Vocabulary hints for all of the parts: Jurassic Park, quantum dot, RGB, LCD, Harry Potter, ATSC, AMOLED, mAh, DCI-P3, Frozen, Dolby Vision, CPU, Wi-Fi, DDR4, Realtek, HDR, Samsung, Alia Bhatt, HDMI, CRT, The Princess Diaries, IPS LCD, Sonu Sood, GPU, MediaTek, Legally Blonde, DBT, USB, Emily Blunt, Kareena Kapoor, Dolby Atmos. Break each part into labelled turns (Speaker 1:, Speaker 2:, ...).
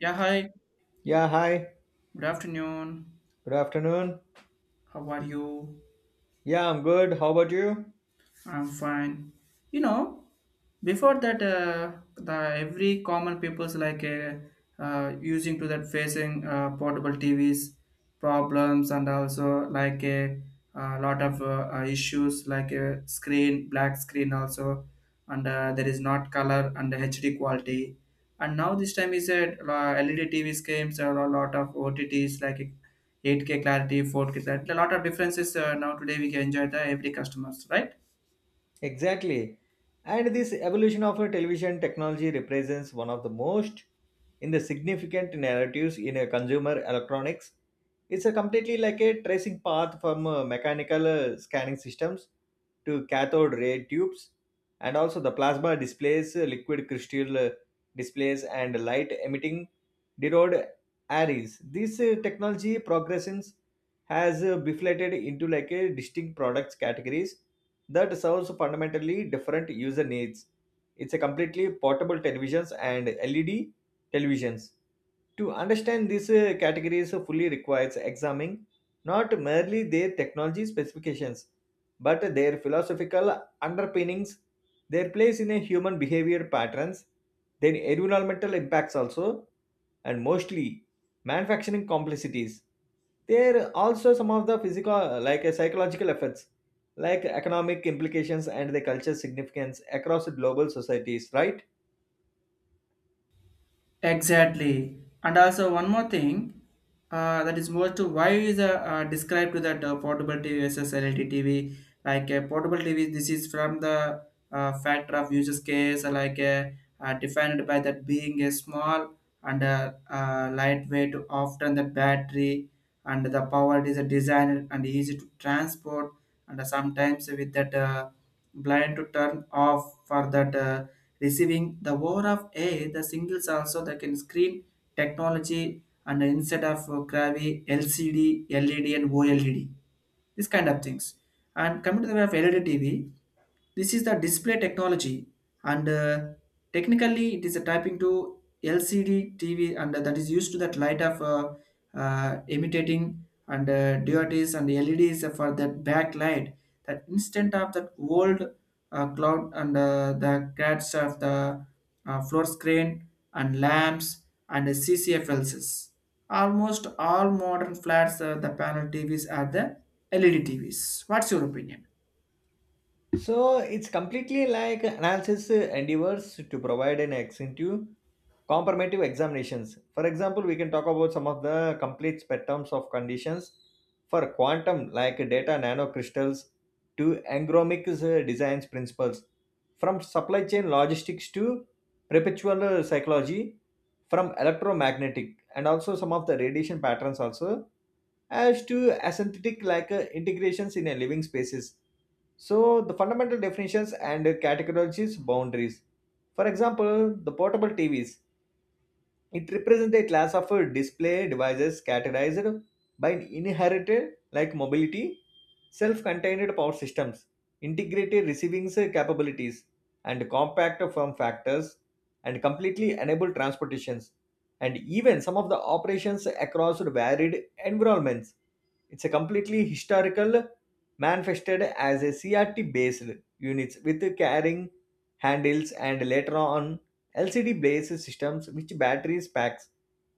Speaker 1: Yeah, hi.
Speaker 2: Yeah, hi.
Speaker 1: Good afternoon.
Speaker 2: Good afternoon.
Speaker 1: How are you?
Speaker 2: Yeah, I'm good. How about you?
Speaker 1: I'm fine. You know, Before that, the every common people's like using to that facing portable TVs problems, and also like a lot of issues like a screen black screen also. And there is not color and the HD quality. And now this time is a LED TVs games or a lot of OTTs like 8K clarity 4K, that a lot of differences. Now today we can enjoy the every customers, right?
Speaker 2: Exactly. And this evolution of a television technology represents one of the most in the significant narratives in a consumer electronics. It's a completely like a tracing path from mechanical scanning systems to cathode ray tubes and also the plasma displays, liquid crystal displays and light emitting diode arrays. This technology progressions has bifurcated into like a distinct products categories that serves fundamentally different user needs. It's a completely portable televisions and LED televisions. To understand these categories fully requires examining not merely their technology specifications, but their philosophical underpinnings, their place in a human behavior patterns, their environmental impacts also, and mostly manufacturing complexities. There are also some of the physical like psychological effects like economic implications and the culture significance across global societies, right?
Speaker 1: Exactly. And also one more thing, that is more to why is described to that portable TV versus LED TV. Like a portable TV, this is from the factor of user's case, like defined by that being a small and lightweight, often the battery and the power is a design and easy to transport. And sometimes with that blind to turn off for that receiving the war of A, the singles also that can screen technology, and instead of crappy LCD, LED, and OLED, this kind of things. And coming to the way of LED TV, this is the display technology, and technically it is a typing to LCD TV, and that is used to that light of imitating and DOTs and LEDs for that backlight. That instant of that old cloud and the cats of the floor screen and lamps and the CCFLs. Almost all modern flats, the panel TVs are the LED TVs. What's your opinion?
Speaker 2: So it's completely like analysis endeavors to provide an extensive comparative examinations. For example, we can talk about some of the complete spectrums of conditions for quantum like data nanocrystals to engromic designs principles, from supply chain logistics to perpetual psychology, from electromagnetic and also some of the radiation patterns also, as to asymptotic like integrations in a living spaces. So, the fundamental definitions and categories boundaries. For example, the portable TVs. It represents a class of display devices categorized by inherited like mobility, self-contained power systems, integrated receiving capabilities, and compact form factors, and completely enable transportations, and even some of the operations across varied environments. It's a completely historical manifested as a CRT based units with carrying handles and later on LCD based systems which batteries packs.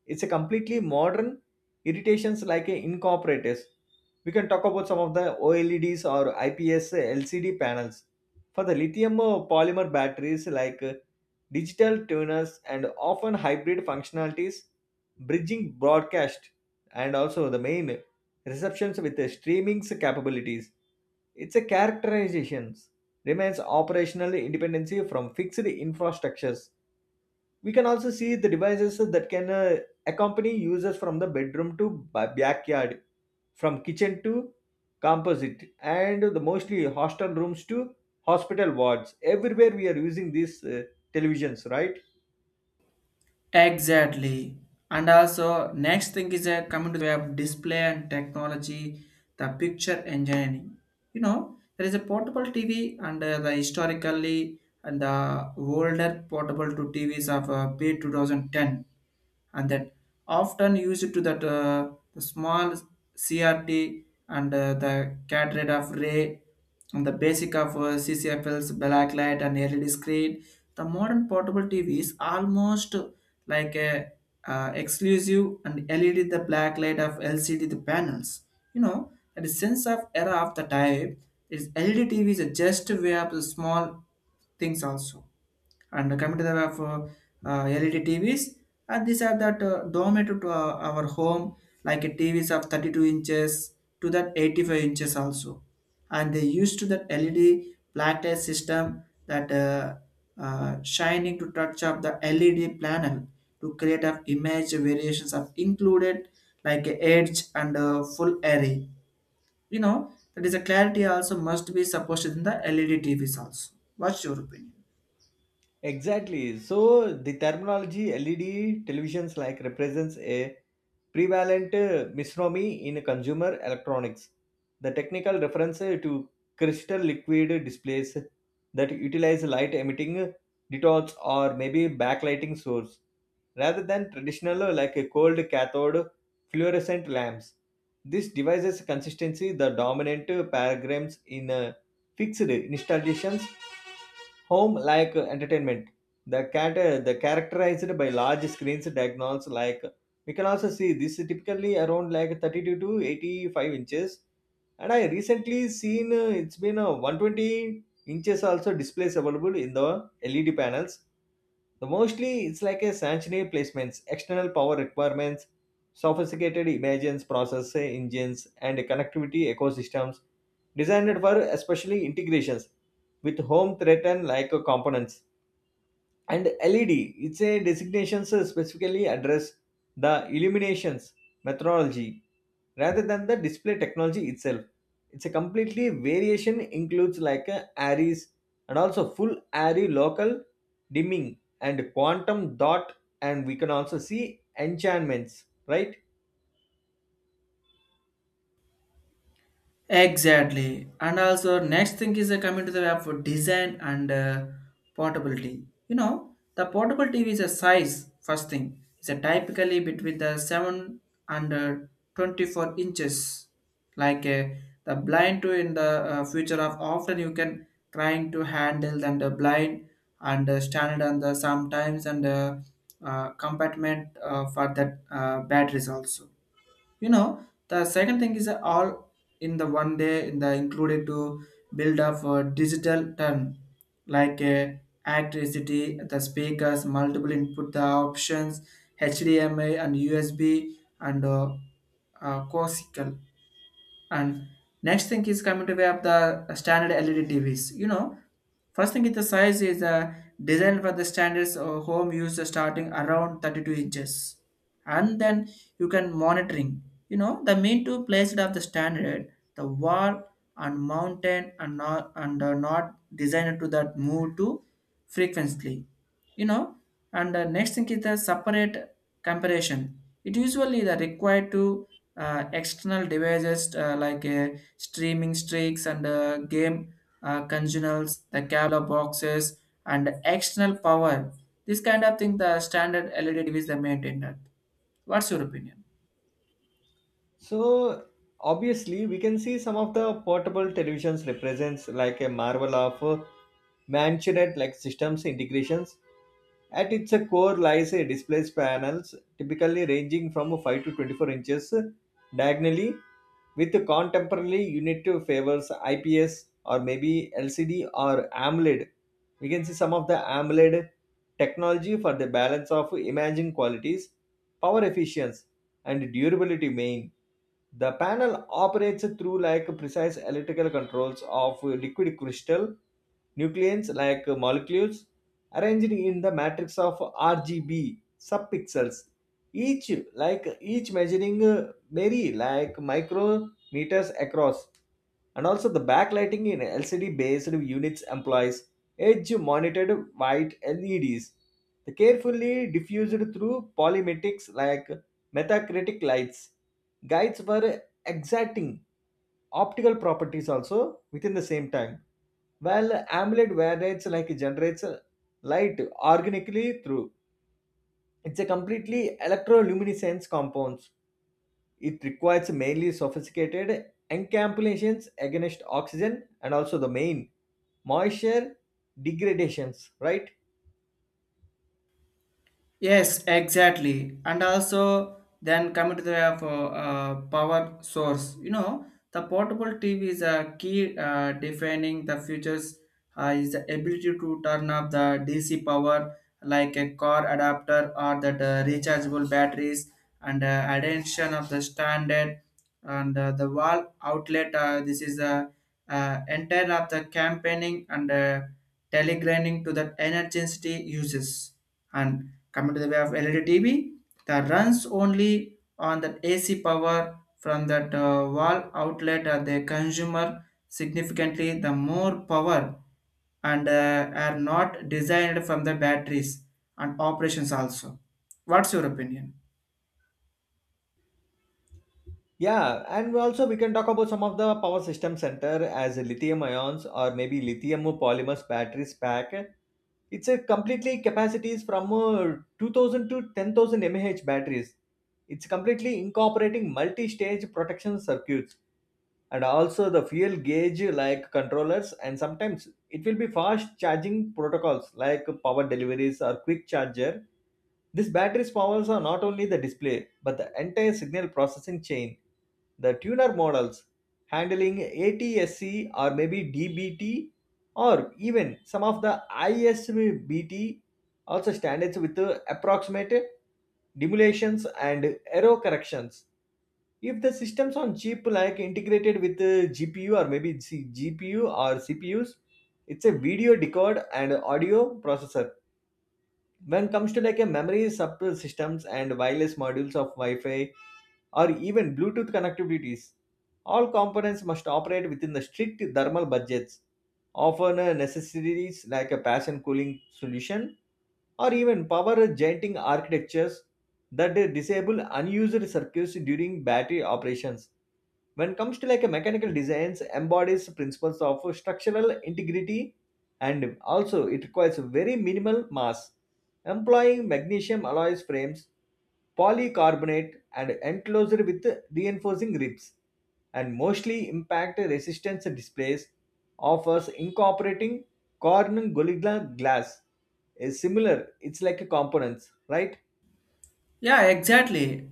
Speaker 2: It's a completely modern irritations like a incorporators. We can talk about some of the OLEDs or IPS LCD panels. For the lithium polymer batteries like digital tuners and often hybrid functionalities, bridging broadcast and also the main receptions with the streaming's capabilities. Its a characterizations remains operational independency from fixed infrastructures. We can also see the devices that can accompany users from the bedroom to backyard, from kitchen to composite, and the mostly hostel rooms to hospital wards. Everywhere we are using these televisions, right?
Speaker 1: Exactly. And also, next thing is coming to the web display and technology, the picture engineering. There is a portable TV and the historically and the older portable to TVs of P2010, and that often used to that the small CRT and the cathode of ray and the basic of CCFLs, black light and LED screen. The modern portable TV is almost like a exclusive and LED the black light of LCD the panels. You know that the sense of era of the type is LED TV is a just a way of the small things also. And coming to the of LED TVs, and these are that dominated to our home, like a TVs of 32 inches to that 85 inches also. And they used to that LED black system that shining to touch up the LED panel to create of image variations of included like a edge and a full array. You know that is a clarity also must be supposed in the LED TVs also. What's your opinion?
Speaker 2: Exactly. So the terminology LED televisions like represents a prevalent misnomy in consumer electronics. The technical reference to crystal liquid displays that utilize light emitting diodes or maybe backlighting source rather than traditional like a cold cathode fluorescent lamps. This devices consistency the dominant paradigms in fixed installations. Home like entertainment, the cat the characterized by large screens diagonals like we can also see this is typically around like 32 to 85 inches, and I recently seen it's been 120 inches also displays available in the LED panels. The mostly it's like a sanctuary placements, external power requirements, sophisticated images, process engines, and connectivity ecosystems designed for especially integrations with home threatened like components, and led, it's a designation so specifically address the illuminations methodology rather than the display technology itself. It's a completely variation includes like a aries, and also full array local dimming and quantum dot, and we can also see enchantments, right?
Speaker 1: Exactly. And also, next thing is coming to the web for design and portability. You know, the portable TV is a size, first thing. It's a typically between the 7 and 24 inches. Like the blind to in the future of often you can trying to handle and the blind, and standard, and the sometimes and compartment for that batteries also. You know, the second thing is all in the one day in the included to build up a digital turn like a electricity the speakers multiple input the options, HDMI and USB, and classical. And next thing is coming to be of the standard LED TVs. You know, first thing is the size is designed for the standards home user starting around 32 inches. And then you can monitoring. You know, the mean to place it of the standard, the wall and mountain, and not and are not designed to that move to frequently, you know. And next thing is the separate comparison, it usually the required to external devices like streaming streaks and game consoles, the cable boxes and external power. This kind of thing, the standard LED device is the maintained at. What's your opinion?
Speaker 2: So obviously, we can see some of the portable televisions represents like a marvel of mansionette like systems integrations. At its core lies a display panels, typically ranging from 5 to 24 inches diagonally, with the contemporary unit favors IPS or maybe LCD or AMOLED. We can see some of the AMOLED technology for the balance of imaging qualities, power efficiency and durability main. The panel operates through like precise electrical controls of liquid crystal nucleons like molecules arranged in the matrix of RGB subpixels. Each like each measuring many like micrometers across, and also the backlighting in LCD based units employs edge monitored white LEDs. The carefully diffused through polymetics like Metacritic lights guides were exciting optical properties also within the same time. While AMOLED variates like generates light organically through. It's a completely electroluminescence compounds. It requires mainly sophisticated encapsulations against oxygen and also the main moisture degradations, right?
Speaker 1: Yes, exactly. And also, then coming to the power source. You know, the portable TV is a key defining the futures, is the ability to turn up the DC power, like a car adapter or that rechargeable batteries, and addition of the standard and the wall outlet. This is the entire of the campaigning and telegraining to the energy uses. And coming to the way of LED TV, that runs only on the AC power from that wall outlet, or the consumer significantly the more power, and are not designed from the batteries and operations also. What's your opinion?
Speaker 2: Yeah, and also we can talk about some of the power system center as lithium ions or maybe lithium polymers batteries pack. It's a completely capacities from 2000 to 10,000 mAh batteries. It's completely incorporating multi-stage protection circuits and also the fuel gauge like controllers, and sometimes it will be fast charging protocols like power deliveries or quick charger. This battery's powers are not only the display, but the entire signal processing chain. The tuner models handling ATSC or maybe DBT or even some of the ISBT also standards with the approximate demulations and error corrections. If the systems on chip like integrated with the GPU or maybe GPU or CPUs, it's a video decode and audio processor. When it comes to like a memory subsystems and wireless modules of wi-fi or even bluetooth connectivities, all components must operate within the strict thermal budgets, often necessities like a passion cooling solution or even power generating architectures that disable unused circuits during battery operations. When it comes to like a mechanical designs embodies principles of structural integrity, and also it requires very minimal mass. Employing magnesium alloys frames, polycarbonate and enclosed with reinforcing ribs and mostly impact resistance displays offers incorporating corning gorilla glass is similar it's like a components, right?
Speaker 1: Yeah, exactly.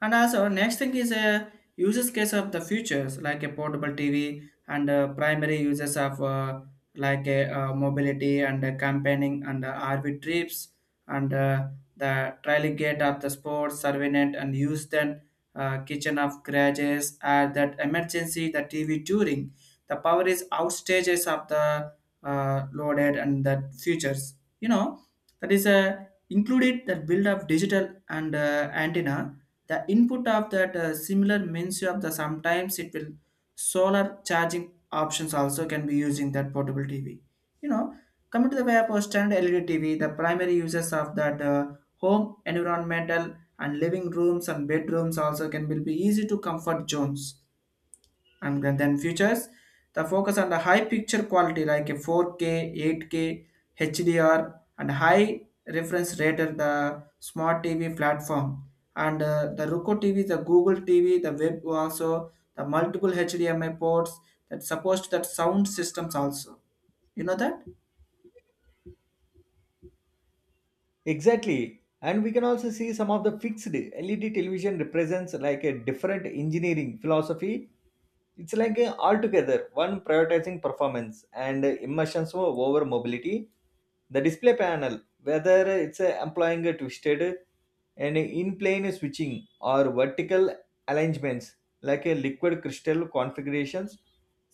Speaker 1: And also, next thing is a uses case of the futures, like a portable TV and primary uses of like a mobility and campaigning and RV trips and the trial gate of the sports surveillance and use, then kitchen of garages and that emergency the TV touring. The power is outstages of the loaded and the futures. You know that is a included that build of digital and antenna, the input of that similar means of the sometimes it will solar charging options also can be using that portable tv, you know. Coming to the way of a standard led tv, the primary uses of that home environmental and living rooms and bedrooms also can will be easy to comfort zones. And then futures, the focus on the high picture quality, like a 4K 8K hdr and high reference rate at the smart tv platform, and the roku tv, the google tv, the web also, the multiple hdmi ports that supports that sound systems also, you know that.
Speaker 2: Exactly, and we can also see some of the fixed led television represents like a different engineering philosophy. It's like a altogether one prioritizing performance and immersions over mobility. The display panel, whether it's employing a twisted and in plane switching or vertical alignments like a liquid crystal configurations,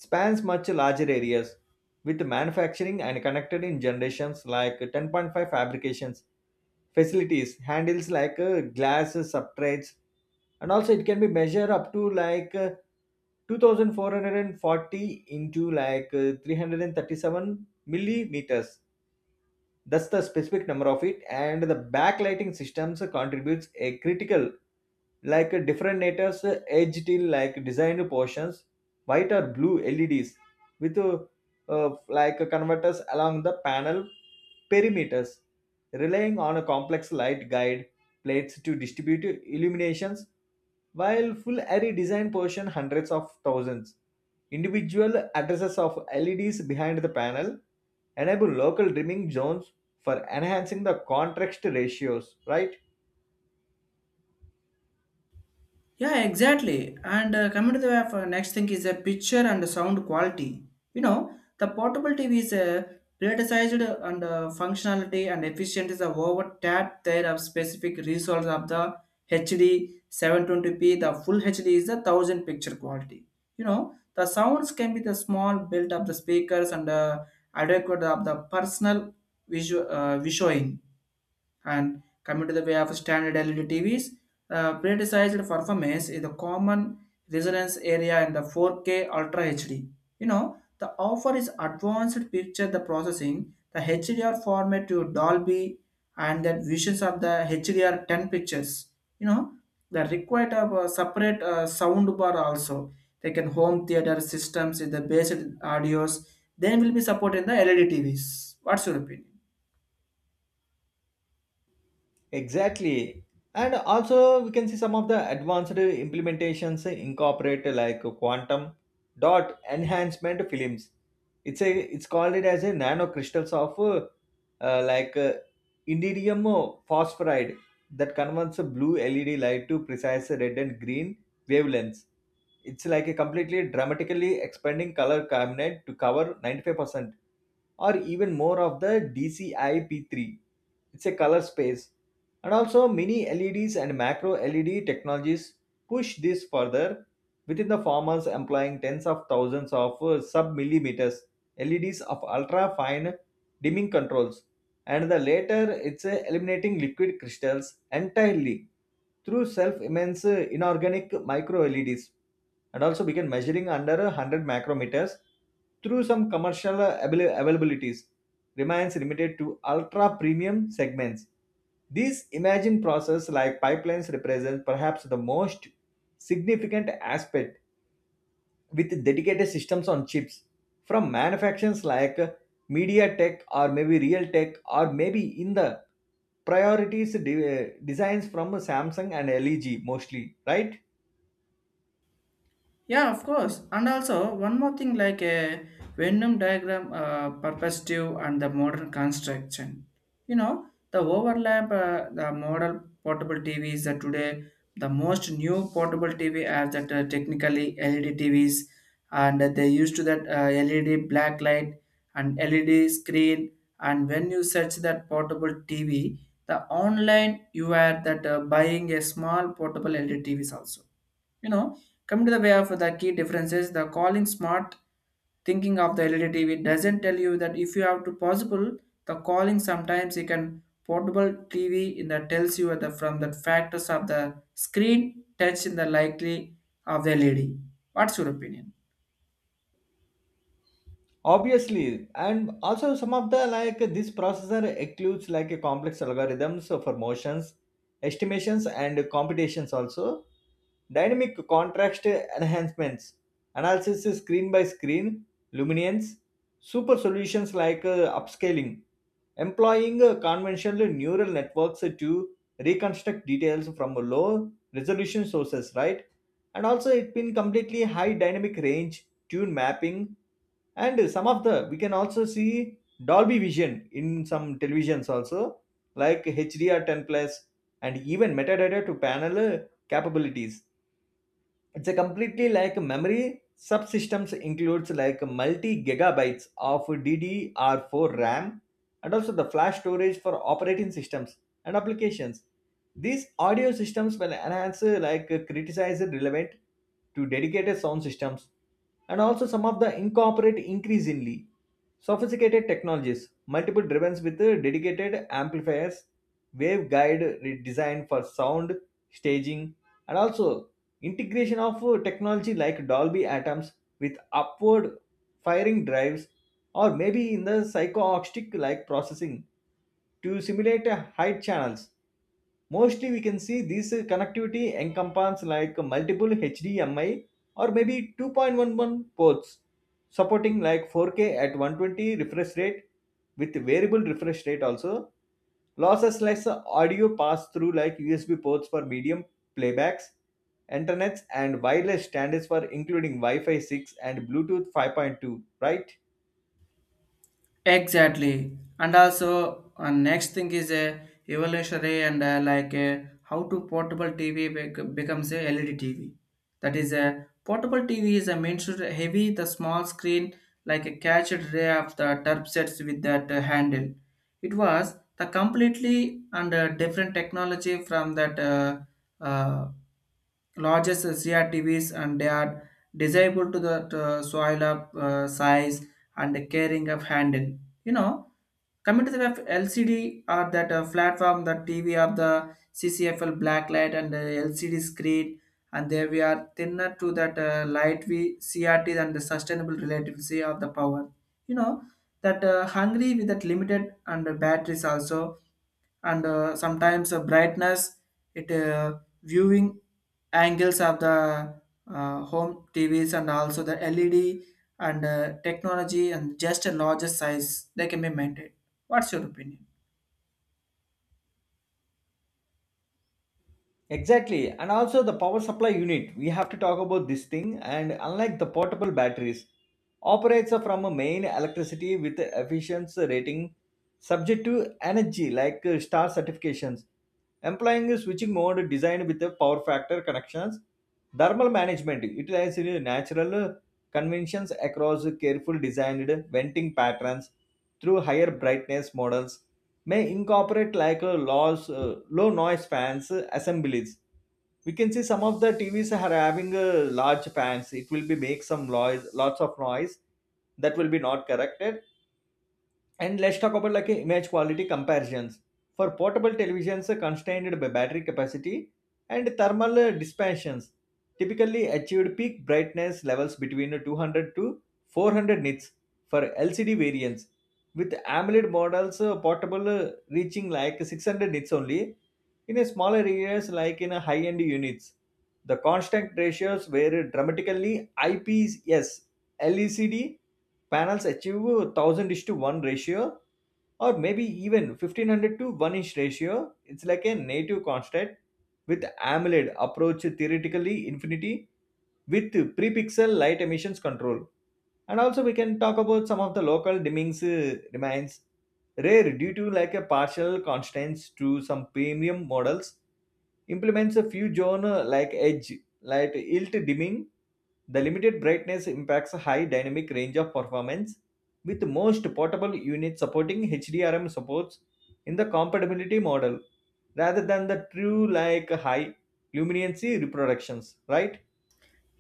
Speaker 2: spans much larger areas, with manufacturing and connected in generations like 10.5 fabrications facilities handles like glass substrates, and also it can be measured up to like 2440 into like 337 millimeters. That's the specific number of it. And the backlighting systems contributes a critical like different natives, edge till like designed portions, white or blue leds, with like converters along the panel perimeters, relying on a complex light guide plates to distribute illuminations, while full array design portion hundreds of thousands individual addresses of leds behind the panel enable local dimming zones for enhancing the contrast ratios, right?
Speaker 1: Yeah, exactly. And coming to the next thing is a picture and sound quality. You know, the portable TV is prioritized and functionality and efficient is a over tab there of specific resource of the HD 720p. The full HD is the thousand picture quality. You know, the sounds can be the small built up the speakers, and adequate of the personal visual visuing. And coming to the way of standard LED TVs, predesized performance is the common resonance area in the 4K Ultra HD. You know, the offer is advanced picture the processing, the HDR format to Dolby, and the visions of the HDR 10 pictures. You know, the required of a separate sound bar also. They can home theater systems in the basic audios, then will be supported in the LED TVs. What's your opinion?
Speaker 2: Exactly. And also, we can see some of the advanced implementations incorporate like quantum dot enhancement films. It's called it as a nano crystals of like indium phosphoride that converts a blue LED light to precise red and green wavelengths. It's like a completely dramatically expanding color cabinet to cover 95% or even more of the DCI-P3. It's a color space. And also mini LEDs and macro LED technologies push this further within the farmers employing tens of thousands of sub-millimeters LEDs of ultra-fine dimming controls, and the latter it's eliminating liquid crystals entirely through self-immense inorganic micro LEDs, and also began measuring under 100 micrometers through some commercial availabilities remains limited to ultra premium segments. These imagine process like pipelines represent perhaps the most significant aspect, with dedicated systems on chips from manufacturers like MediaTek or maybe Realtek or maybe in the priorities designs from Samsung and LG mostly, right?
Speaker 1: Yeah, of course. And also, one more thing, like a Venn diagram perspective, and the modern construction. You know, the overlap, the model portable TVs that today, the most new portable TV as that technically LED TVs, and they used to that LED black light and LED screen. And when you search that portable TV, the online you are that buying a small portable LED TVs also, you know. Coming to the way of the key differences, the calling smart thinking of the led tv doesn't tell you that if you have to possible, the calling sometimes you can portable tv in that tells you the from the factors of the screen touch in the likely of the led. What's your opinion?
Speaker 2: Obviously, and also some of the like this processor includes like a complex algorithms for motions estimations and computations also, dynamic contrast enhancements, analysis screen by screen luminance, super solutions like upscaling employing conventional neural networks to reconstruct details from low resolution sources, right? And also it been completely high dynamic range tune mapping, and some of the we can also see dolby vision in some televisions also, like hdr 10 plus and even metadata to panel capabilities. It's a completely like memory subsystems includes like multi gigabytes of DDR4 RAM, and also the flash storage for operating systems and applications. These audio systems will enhance like criticize relevant to dedicated sound systems, and also some of the incorporate increasingly sophisticated technologies, multiple drivens with dedicated amplifiers, waveguide design for sound staging, and also integration of technology like Dolby Atoms with upward firing drives, or maybe in the psychoacoustic like processing to simulate height channels. Mostly, we can see this connectivity encompasses like multiple HDMI or maybe 2.11 ports supporting like 4K at 120 refresh rate with variable refresh rate also. Lossless audio pass through like USB ports for medium playbacks, internets, and wireless standards for including Wi Fi 6 and Bluetooth 5.2, right?
Speaker 1: Exactly. And also, next thing is a evolutionary and like how to portable TV becomes a LED TV. That is a portable TV is a mainstream heavy, the small screen like a catched ray of the turb sets with that handle. It was the completely and different technology from that uh, largest CRTVs, and they are desirable to the soil of size and the caring of handle. You know, coming to the web, LCD are that platform, the TV of the CCFL blacklight and the LCD screen, and there we are thinner to that light V CRT and the sustainable relativity of the power. You know that hungry with that limited and the batteries also, and sometimes brightness, it viewing angles of the home tvs, and also the led and technology and just a larger size they can be maintained. What's your opinion?
Speaker 2: Exactly. And also the power supply unit, we have to talk about this thing. And unlike the portable batteries, operates from a main electricity with efficiency rating subject to energy like star certifications, employing a switching mode designed with the power factor connections, thermal management utilizing natural conventions across careful designed venting patterns through higher brightness models may incorporate like low noise fans assemblies. We can see some of the TVs are having large fans. It will be make some noise, lots of noise that will be not corrected. And let's talk about like a image quality comparisons. For portable televisions constrained by battery capacity and thermal dispersions, typically achieved peak brightness levels between 200 to 400 nits for LCD variants. With AMOLED models, portable reaching like 600 nits only in a smaller areas like in a high-end units. The constant ratios were dramatically IPS LCD panels achieve 1000 is to 1 ratio, or maybe even 1,500 to 1 inch ratio. It's like a native constant with AMOLED approach theoretically infinity with pre-pixel light emissions control. And also we can talk about some of the local dimmings remains rare due to like a partial constraints to some premium models implements a few zone like edge light yield dimming. The limited brightness impacts a high dynamic range of performance with most portable units supporting HDRM supports in the compatibility model rather than the true like high luminosity reproductions, right?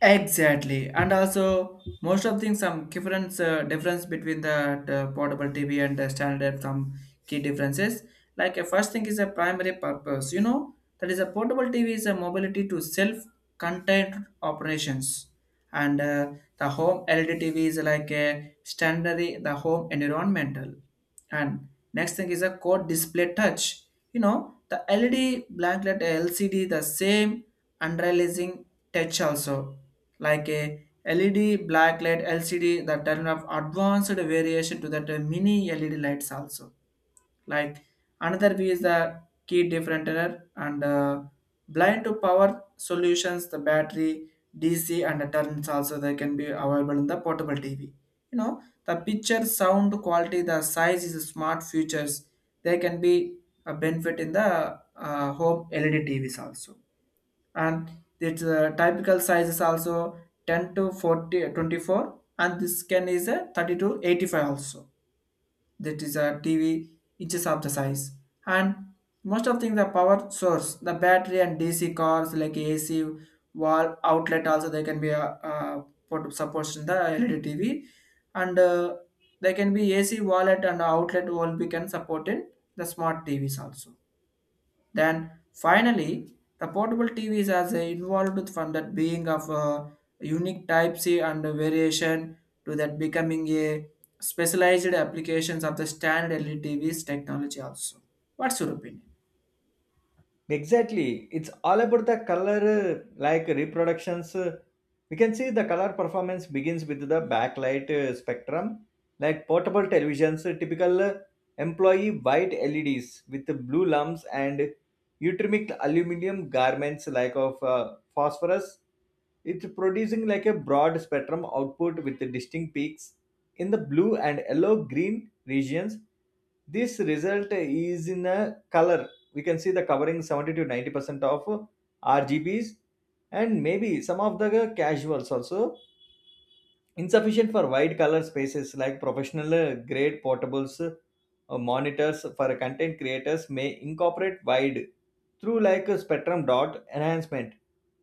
Speaker 1: Exactly, and also most of things some difference difference between the portable TV and the standard, some key differences. Like a first thing is a primary purpose. You know that is a portable TV is a mobility to self-contained operations, and the home LED TV is like a standard the home environmental. And next thing is a core display touch. You know the LED blacklight LCD the same unrealizing touch also, like a LED black light LCD, the term of advanced variation to that mini LED lights also. Like another way is the key differentiator and blind to power solutions, the battery, DC and the turns also, they can be available in the portable TV. You know the picture, sound quality, the size is smart features. They can be a benefit in the home LED TVs also, and its typical size is also 10 to 40, 24, and this can is a 30 to 85 also, that is a tv inches of the size. And most of thing, the power source, the battery and dc cars like ac wall outlet also, they can be a put supports in the led tv. And they can be ac wallet and outlet will be can support in the smart tvs also. Then finally, the portable TVs has evolved from that being of a unique type C and variation to that becoming a specialized applications of the standard LED TVs technology also. What's your opinion?
Speaker 2: Exactly. It's all about the color like reproductions. We can see the color performance begins with the backlight spectrum, like portable televisions, typical employee white LEDs with the blue lumps and eutrymic aluminum garments like of phosphorus. It's producing like a broad spectrum output with the distinct peaks in the blue and yellow green regions. This result is in a color, we can see the covering 70 to 90% of RGBs and maybe some of the casuals also insufficient for wide color spaces like professional grade portables monitors for content creators may incorporate wide through like a spectrum dot enhancement,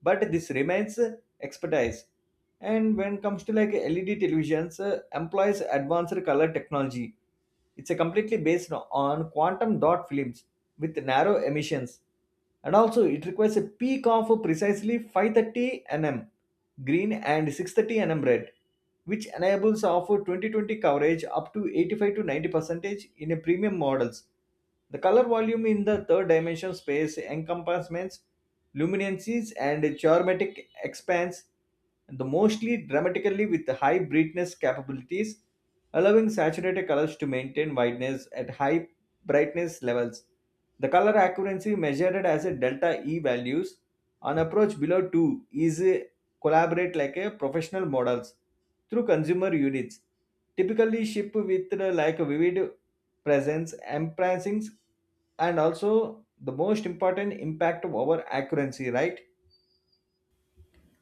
Speaker 2: but this remains expertise. And when it comes to like LED televisions employs advanced color technology, it's a completely based on quantum dot films with narrow emissions. And also it requires a peak of precisely 530 nm green and 630 nm red, which enables of 2020 coverage up to 85 to 90 percentage in a premium models. The color volume in the third dimension space encompasses luminancies and chromatic expanse, and the mostly dramatically with high brightness capabilities allowing saturated colors to maintain whiteness at high brightness levels. The color accuracy measured as a delta E values on approach below 2 is collaborate like a professional models through consumer units typically ship with the, like a vivid presence embracing and also the most important impact of our accuracy, right?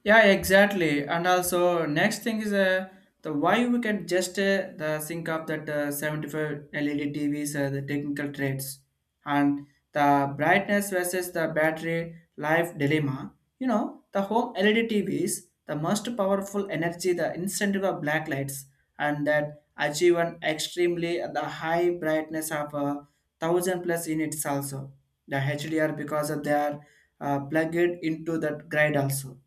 Speaker 1: Yeah, exactly. And also, next thing is the why we can just the think of that 75 LED TVs, the technical traits, and the brightness versus the battery life dilemma. You know, the home LED TVs, the most powerful energy, the incentive of black lights, and that achieve an extremely the high brightness of thousand plus units also. The HDR because of they are plugged into that grid also,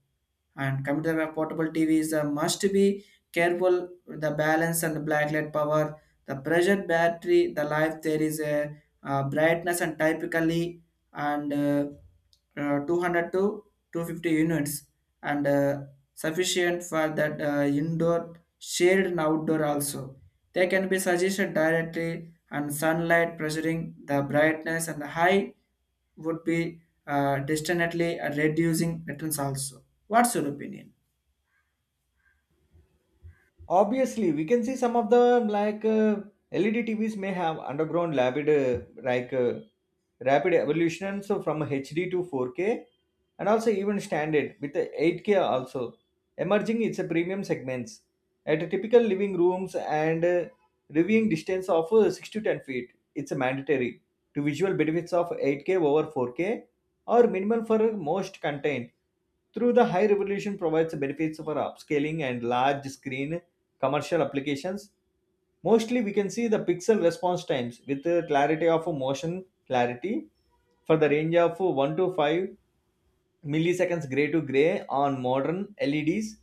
Speaker 1: and computer and portable TVs must be careful with the balance and blacklight power, the pressure battery, the life there is a brightness, and typically and 200 to 250 units, and sufficient for that indoor shade and outdoor also. They can be suggested directly and sunlight pressuring the brightness and the high would be definitely reducing returns also. What's your opinion?
Speaker 2: Obviously, we can see some of the like LED TVs may have underground rapid rapid evolution so from HD to 4K, and also even standard with the 8K also emerging its a premium segments at a typical living rooms and reviewing distance of 6 to 10 feet. It's a mandatory to visual benefits of 8K over 4K or minimal for most content through the high revolution provides the benefits for upscaling and large screen commercial applications. Mostly we can see the pixel response times with the clarity of motion clarity for the range of 1 to 5 milliseconds gray to gray on modern LEDs,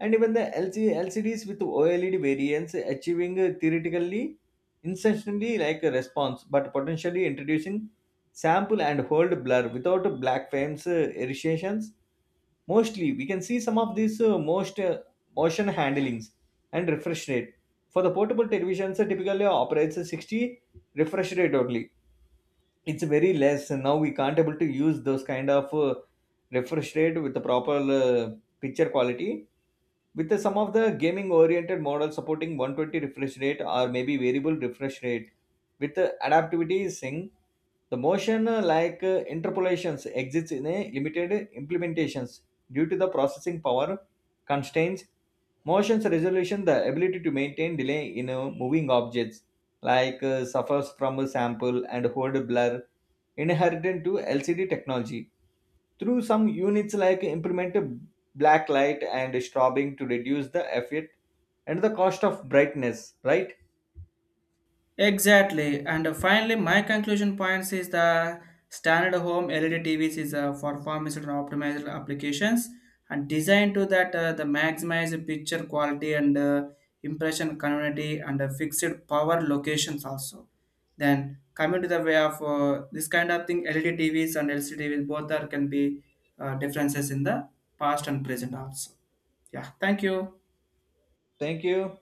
Speaker 2: and even the LC, LCDs with OLED variants achieving theoretically instantly like a response but potentially introducing sample and hold blur without black frames irritations. Mostly we can see some of these most motion handlings and refresh rate for the portable televisions typically operates a 60 refresh rate only. It's very less now we can't able to use those kind of refresh rate with the proper picture quality with the, some of the gaming oriented models supporting 120 refresh rate or maybe variable refresh rate with the adaptivity sync. The motion interpolations exists in a limited implementations due to the processing power constraints. Motions resolution the ability to maintain delay in moving objects suffers from a sample and hold blur inherited to LCD technology through some units like implement a black light and strobing to reduce the effect and the cost of brightness, right?
Speaker 1: Exactly. And finally, my conclusion points is the standard home LED TVs is for format and optimized applications and designed to that the maximize picture quality and impression community and fixed power locations also. Then coming to the way of this kind of thing, LED TVs and LCD TVs both are can be differences in the past and present also. Yeah. Thank you.
Speaker 2: Thank you.